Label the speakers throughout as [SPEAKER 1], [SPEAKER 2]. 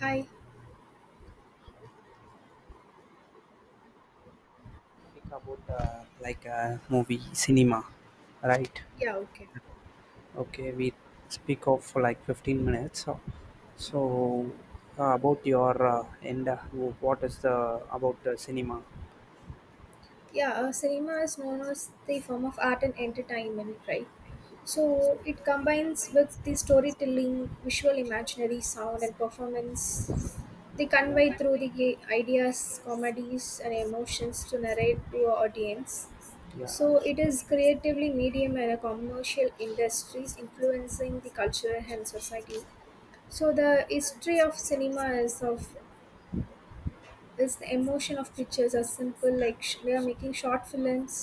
[SPEAKER 1] Hi.
[SPEAKER 2] Speak about like movie cinema, right?
[SPEAKER 1] Yeah, okay.
[SPEAKER 2] Okay, we speak of like 15 minutes so, so about your end, what is the about the cinema?
[SPEAKER 1] Yeah, cinema is known as the form of art and entertainment, right? So it combines with the storytelling, visual imaginary, sound, and performance. They convey through
[SPEAKER 2] Yeah.
[SPEAKER 1] the ideas, comedies, and emotions to narrate to our audience.
[SPEAKER 2] Yeah.
[SPEAKER 1] So it is creatively medium and a commercial industries influencing the culture and society. So the history of cinema is of is the emotion of pictures are simple like we are making short films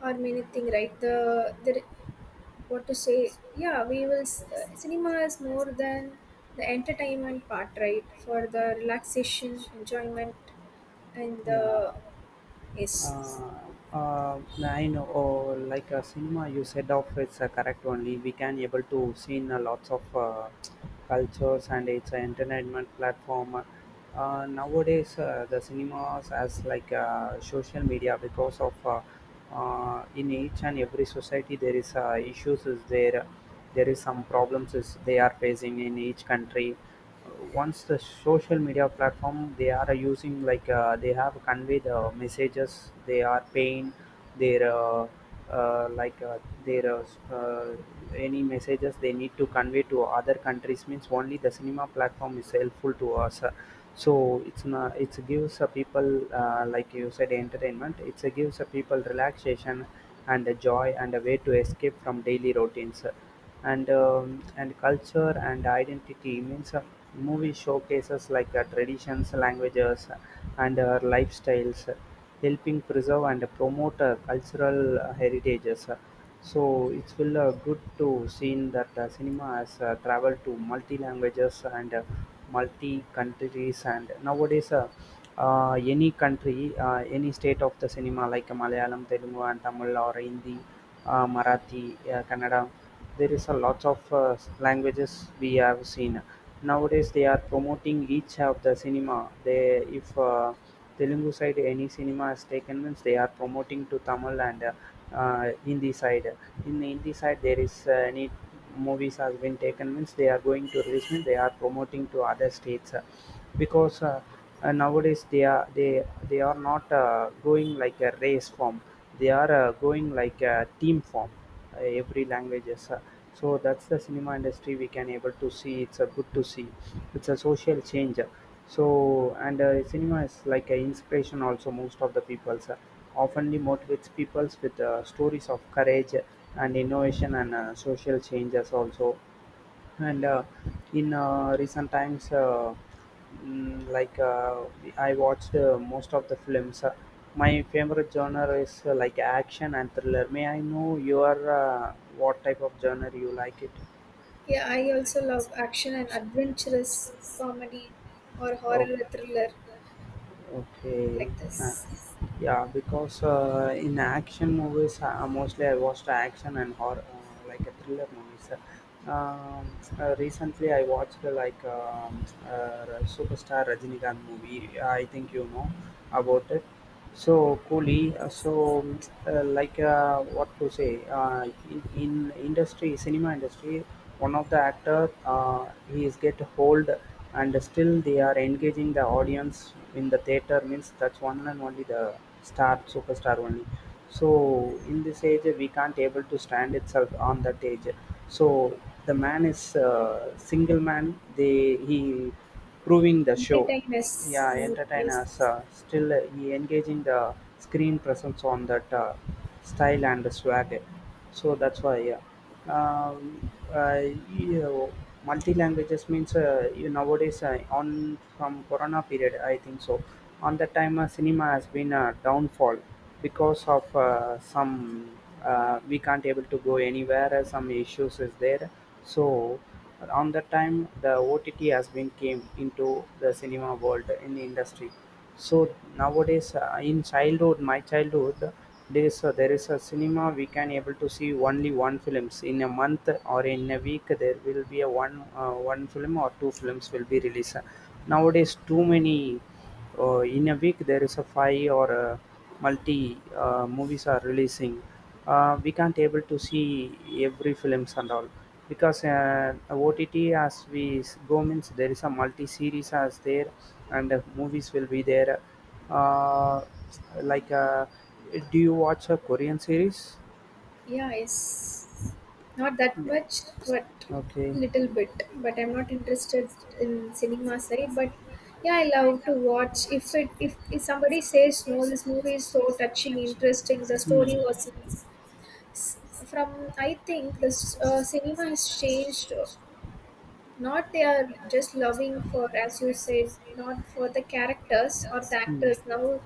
[SPEAKER 1] or many thing right the what to say yeah we will cinema is more than the entertainment part right for the relaxation enjoyment and
[SPEAKER 2] Yeah.
[SPEAKER 1] the yes
[SPEAKER 2] uh, I know, oh, like a cinema, you said of it's correct only. We can able to see lots of cultures, and it's an entertainment platform. Nowadays, the cinemas as like social media because of in each and every society there is issues is there, there is some problems is they are facing in each country. Once the social media platform they are using like, they have convey the messages they are paying their uh, like uh, their uh, any messages they need to convey to other countries means only the cinema platform is helpful to us. So it's not it gives a people, like you said, entertainment, it's a gives a people relaxation and a joy and a way to escape from daily routines, and culture and identity means a movie showcases like traditions, languages, and lifestyles, helping preserve and promote cultural heritages. So it's will good to see in that cinema has traveled to multi languages and multi countries. And nowadays, any country, any state of the cinema like Malayalam, Telugu, and Tamil, or Hindi, Marathi, Kannada, there is a lot of languages we have seen. Nowadays they are promoting each of the cinema. They, if Telugu side any cinema is taken means they are promoting to Tamil and Hindi side. In the Hindi side there is any movies has been taken means they are going to release means they are promoting to other states, because nowadays they are not going like a race form. They are going like a team form, every languages, so that's the cinema industry we can able to see. It's a good to see. It's a social change, so. And cinema is like an inspiration also. Most of the people's oftenly motivates peoples with stories of courage, and innovation, and social changes also. And in recent times, mm, like uh, I watched most of the films. My favorite genre is like action and thriller. May I know your, what type of genre you like it?
[SPEAKER 1] yeah I also love action and adventurous comedy or
[SPEAKER 2] Okay.
[SPEAKER 1] horror thriller
[SPEAKER 2] Okay,
[SPEAKER 1] like this.
[SPEAKER 2] nice. Yeah, because in action movies, mostly I watched action and horror, like a thriller movies. Recently, I watched superstar Rajinikanth movie. I think you know about it. So Kohli,
[SPEAKER 1] Yes,
[SPEAKER 2] what to say, in, industry, cinema industry, one of the actor he is get hold, and still they are engaging the audience in the theater means that's one and only the star superstar only. So in this age we can't able to stand itself on that age. So the man is single man. They he proving the show,
[SPEAKER 1] entertain us.
[SPEAKER 2] yeah, entertain
[SPEAKER 1] Yes.
[SPEAKER 2] us, still he engaging the screen presence on that style and swag. So that's why, yeah. um, uh, you Multi languages means, you nowadays, on from corona period, I think so. On that time cinema has been a downfall because of some, we can't able to go anywhere, some issues is there. So around that time, the OTT has been came into the cinema world in the industry. So nowadays, my childhood, there is a cinema we can able to see only one films in a month or in a week. There will be a one film or two films will be released. Nowadays, too many. In a week there is a five or a multi movies are releasing. We can't able to see every films and all because OTT as we go means there is a multi series as there, and movies will be there, uh, like do you watch a Korean series?
[SPEAKER 1] Yeah, yes. Not that
[SPEAKER 2] Yeah.
[SPEAKER 1] much, but
[SPEAKER 2] Okay.
[SPEAKER 1] little bit. But I'm not interested in cinema side. But yeah, I love to watch. If it if somebody says no, this movie is so touching, interesting. The story was nice. From I think this cinema has changed. Not they are just loving for as you said, not for the characters or the actors. Now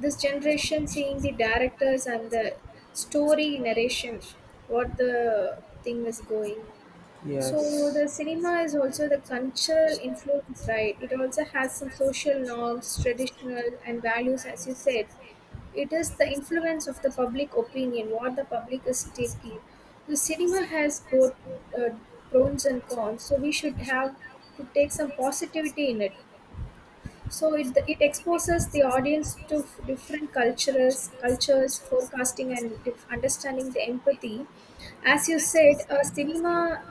[SPEAKER 1] this generation seeing the directors and the story narration, what the thing is going. So
[SPEAKER 2] Yes.
[SPEAKER 1] the cinema is also the cultural influence, right? It also has some social norms, traditional and values, as you said. It is the influence of the public opinion, what the public is taking. The cinema has both uh, pros and cons, so we should have to take some positivity in it. So it exposes the audience to different cultures, forecasting and understanding the empathy. As you said, cinema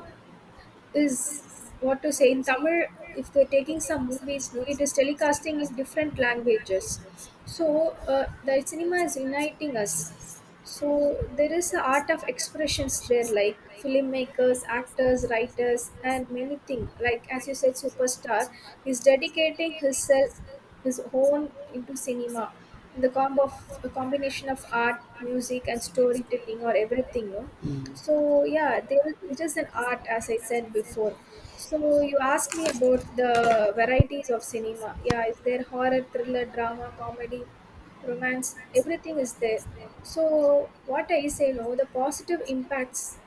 [SPEAKER 1] is what to say in Tamil. If they're taking some movies, no, it is telecasting in different languages. So the cinema is uniting us. So there is the art of expressions there, like filmmakers, actors, writers, and many things. Like as you said, superstar is dedicating himself, his own into cinema in the combo of a combination of art, music, and storytelling, or everything. No,
[SPEAKER 2] Mm.
[SPEAKER 1] so yeah, there it is an art, as I said before. So you asked me about the varieties of cinema. Yeah, is there horror, thriller, drama, comedy, romance? Everything is there. So what I say, no, the positive impacts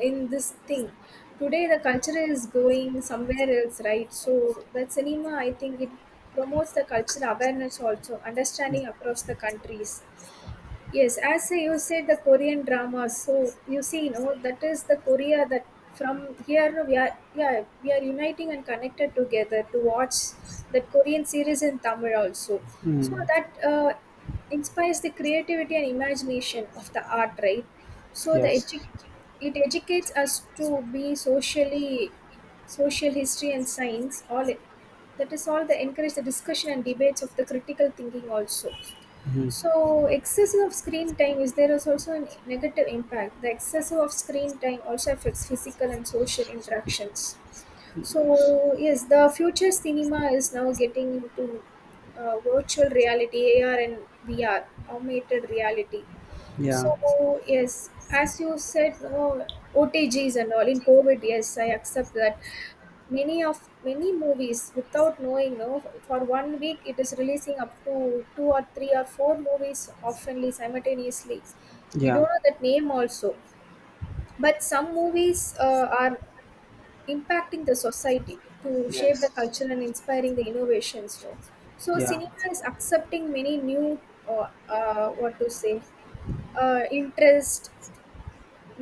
[SPEAKER 1] in this thing. Today the culture is going somewhere else, right? So that cinema, I think it promotes the cultural awareness also,
[SPEAKER 2] Yeah.
[SPEAKER 1] understanding across the countries. Yes, as you said, the Korean drama. So you see, you know that is the Korea that from here no, we are yeah we are uniting and connected together to watch that Korean series in Tamil also. So
[SPEAKER 2] Hmm.
[SPEAKER 1] that inspires the creativity and imagination of the art, right? So the
[SPEAKER 2] Yes.
[SPEAKER 1] it educates us to be socially social history and science all it, that is all the encourage the discussion and debates of the critical thinking also.
[SPEAKER 2] Mhm.
[SPEAKER 1] So, excessive of screen time is there is also a negative impact. The excessive of screen time also affects physical and social interactions.
[SPEAKER 2] Yes.
[SPEAKER 1] So, yes, the future cinema is now getting to virtual reality, AR and VR, augmented reality.
[SPEAKER 2] Yeah.
[SPEAKER 1] So, yes, as you said, no, OTGs and all in COVID, yes, I accept that many of many movies without knowing no for one week it is releasing up to two or three or four movies oftenly simultaneously. We
[SPEAKER 2] Yeah.
[SPEAKER 1] don't know that name also, but some movies are impacting the society to shape the
[SPEAKER 2] Yes.
[SPEAKER 1] culture and inspiring the innovations no. So
[SPEAKER 2] Yeah.
[SPEAKER 1] cinema is accepting many new what to say interest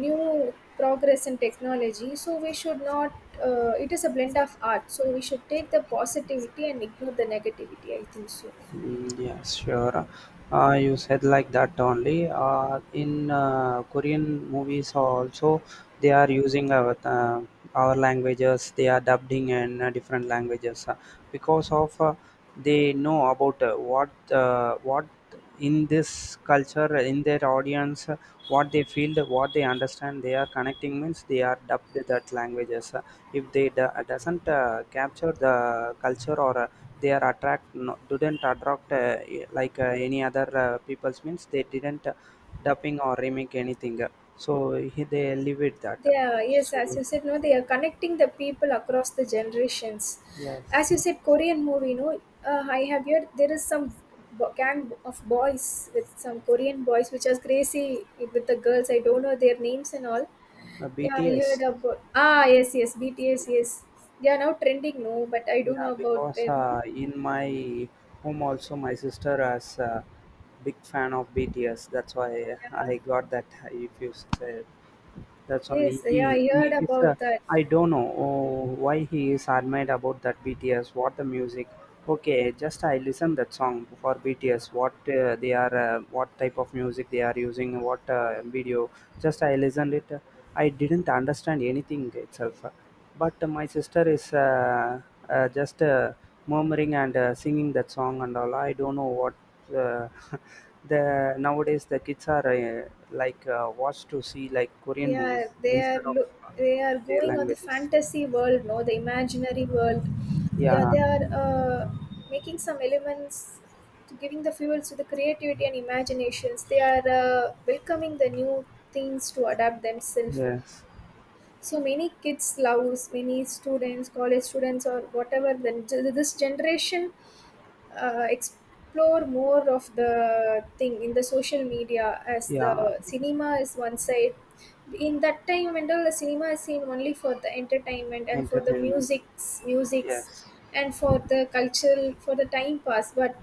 [SPEAKER 1] new progress in technology, so we should not it is a blend of art, so we should take the positivity and ignore the negativity, I think so.
[SPEAKER 2] Mm, yeah, sure. You said like that only. In Korean movies also, they are using our languages. They are dubbing in different languages because of they know about what in this culture, in their audience, what they feel, what they understand, they are connecting means they are dubbed that languages. If they do, doesn't capture the culture or they are attract no, didn't attract like any other people's means they didn't dubbing or remake anything. So he, they live with that.
[SPEAKER 1] They are, yes,
[SPEAKER 2] So
[SPEAKER 1] as you said, no, they are connecting the people across the generations. As
[SPEAKER 2] yes,
[SPEAKER 1] you said Korean movie no, I have heard there is some gang of boys with some Korean boys which are crazy with the girls, I don't know their names and all. Yeah, I heard
[SPEAKER 2] BTS.
[SPEAKER 1] about, ah, yes, yes, BTS, yes, they are now trending no, but I don't
[SPEAKER 2] Yeah,
[SPEAKER 1] know about
[SPEAKER 2] because
[SPEAKER 1] them.
[SPEAKER 2] in my home also my sister is a big fan of BTS. That's why
[SPEAKER 1] Yeah.
[SPEAKER 2] I got that. If you said that's only
[SPEAKER 1] Yes. Yeah.
[SPEAKER 2] he,
[SPEAKER 1] I
[SPEAKER 2] he
[SPEAKER 1] heard
[SPEAKER 2] is. A,
[SPEAKER 1] about that.
[SPEAKER 2] I don't know, oh, why he is admired about that BTS. What the music? Okay, just I listen that song for BTS. What what type of music they are using, what video. Just I listened it. I didn't understand anything itself. But my sister is just murmuring and singing that song and all. I don't know what, uh, the nowadays the kids are like watched to see like Korean movies
[SPEAKER 1] Yeah. They are
[SPEAKER 2] instead of
[SPEAKER 1] lo-
[SPEAKER 2] uh,
[SPEAKER 1] they are
[SPEAKER 2] their
[SPEAKER 1] going on the
[SPEAKER 2] languages.
[SPEAKER 1] fantasy world, no, the imaginary world. Yeah.
[SPEAKER 2] Yeah.
[SPEAKER 1] They are making some elements to giving the fuels to the creativity and imaginations. They are welcoming the new things to adapt themselves.
[SPEAKER 2] Yes.
[SPEAKER 1] So many kids loves many students, college students, or whatever. Then this generation explore more of the thing in the social media as
[SPEAKER 2] Yeah.
[SPEAKER 1] the cinema is one side. In that time when the cinema is seen only for the entertainment and for the
[SPEAKER 2] Entertainment.
[SPEAKER 1] musics
[SPEAKER 2] Yes.
[SPEAKER 1] and for the cultural for the time pass, but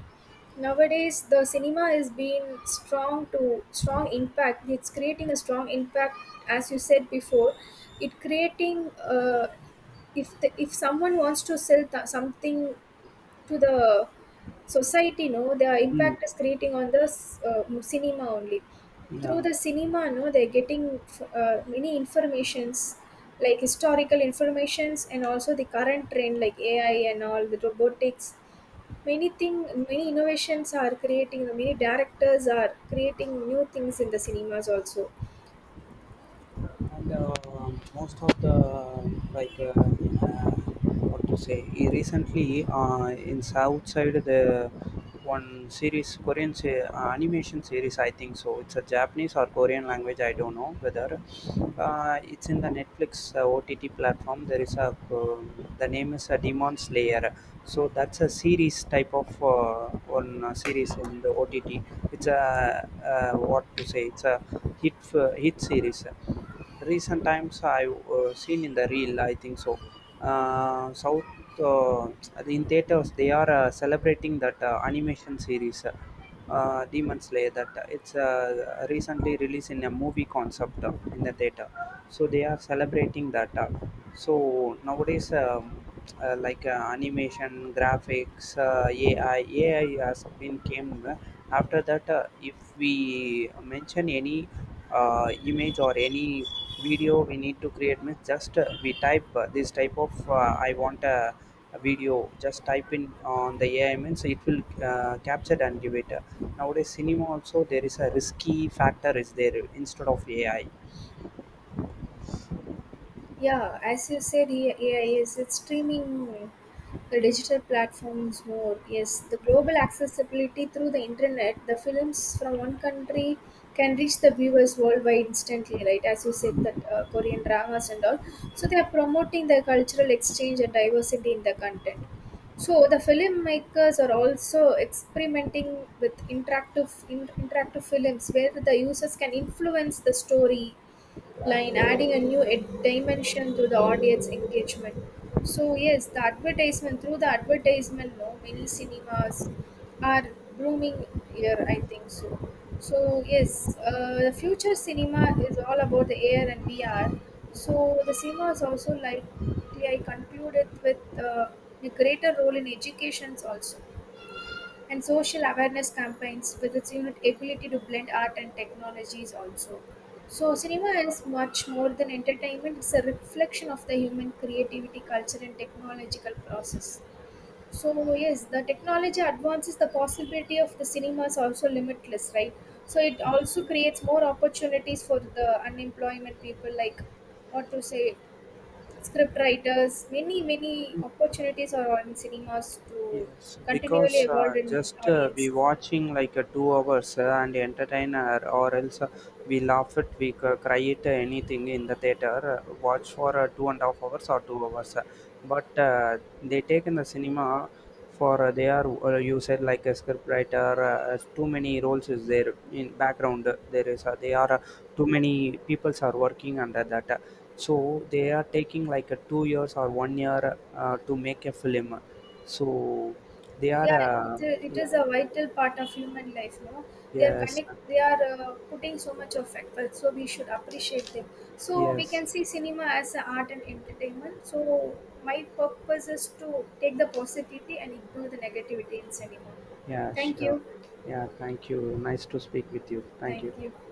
[SPEAKER 1] nowadays the cinema is being strong to strong impact, it's creating a strong impact. As you said before, it creating if if someone wants to sell something to the society no, the
[SPEAKER 2] Mm.
[SPEAKER 1] impact is creating on the cinema only.
[SPEAKER 2] Yeah.
[SPEAKER 1] Through the cinema no, they're getting many informations like historical informations and also the current trend like AI and all the robotics, many thing, many innovations are creating, many directors are creating new things in the cinemas also.
[SPEAKER 2] And most of the, like what to say, he recently, in south side the one series Korean animation series, I think so. It's a Japanese or Korean language, I don't know whether, it's in the Netflix OTT platform. There is a, um the name is a Demon Slayer. So that's a series type of one series in the OTT. It's a, what to say, it's a hit series, recent times I've seen in the reel, I think so. South, uh, in theaters they are celebrating that animation series, Demon Slayer. That it's recently released in a movie concept in the theater. So they are celebrating that, so nowadays, uh, like uh, animation graphics, AI has been came, after that, if we mention any image or any video we need to create means just we type this type of I want a video, just type in on the AI means it will capture and give it. Nowadays cinema also there is a risky factor is there instead of AI.
[SPEAKER 1] Yeah, as you said, yeah, yes, it's streaming the digital platforms more. Yes, the global accessibility through the internet, the films from one country can reach the viewers worldwide instantly, right? As you said, that Korean dramas and all. So they are promoting the cultural exchange and diversity in the content. So the filmmakers are also experimenting with interactive films where the users can influence the story line, adding a new dimension to the audience engagement. So yes, the advertisement through the advertisement, no many cinemas are blooming here. I think so. So yes, the future cinema is all about the AR and VR. So the cinema is also likely I concluded with a greater role in educations also. And social awareness campaigns with its unique ability to blend art and technologies also. So cinema is much more than entertainment, it's a reflection of the human creativity, culture and technological process. So yes, the technology advances the possibility of the cinema is also limitless, right? So it also creates more opportunities for the unemployment people like what to say script writers, many, many opportunities are on cinemas to
[SPEAKER 2] Yes,
[SPEAKER 1] continually
[SPEAKER 2] because
[SPEAKER 1] evolve in
[SPEAKER 2] just we
[SPEAKER 1] audience.
[SPEAKER 2] watching like 2 hours, and entertain her, or else, we laugh it, we cry it, anything in the theater. Watch for 2.5 hours or 2 hours, but they take in the cinema for, they are you said like a scriptwriter. As too many roles is there in background. There is they are too many peoples are working under that. So they are taking like a 2 years or 1 year to make a film. So they
[SPEAKER 1] Yeah,
[SPEAKER 2] are,
[SPEAKER 1] it
[SPEAKER 2] yeah,
[SPEAKER 1] is a vital part of human life no, they are
[SPEAKER 2] yes,
[SPEAKER 1] connect, they are putting so much of effort, so we should appreciate them. So we
[SPEAKER 2] yes,
[SPEAKER 1] can see cinema as an art and entertainment, so my purpose is to take the positivity and ignore the negativity in cinema.
[SPEAKER 2] yeah,
[SPEAKER 1] Thank
[SPEAKER 2] sure.
[SPEAKER 1] you.
[SPEAKER 2] Yeah, thank you. Nice to speak with you. Thank you.
[SPEAKER 1] Thank you.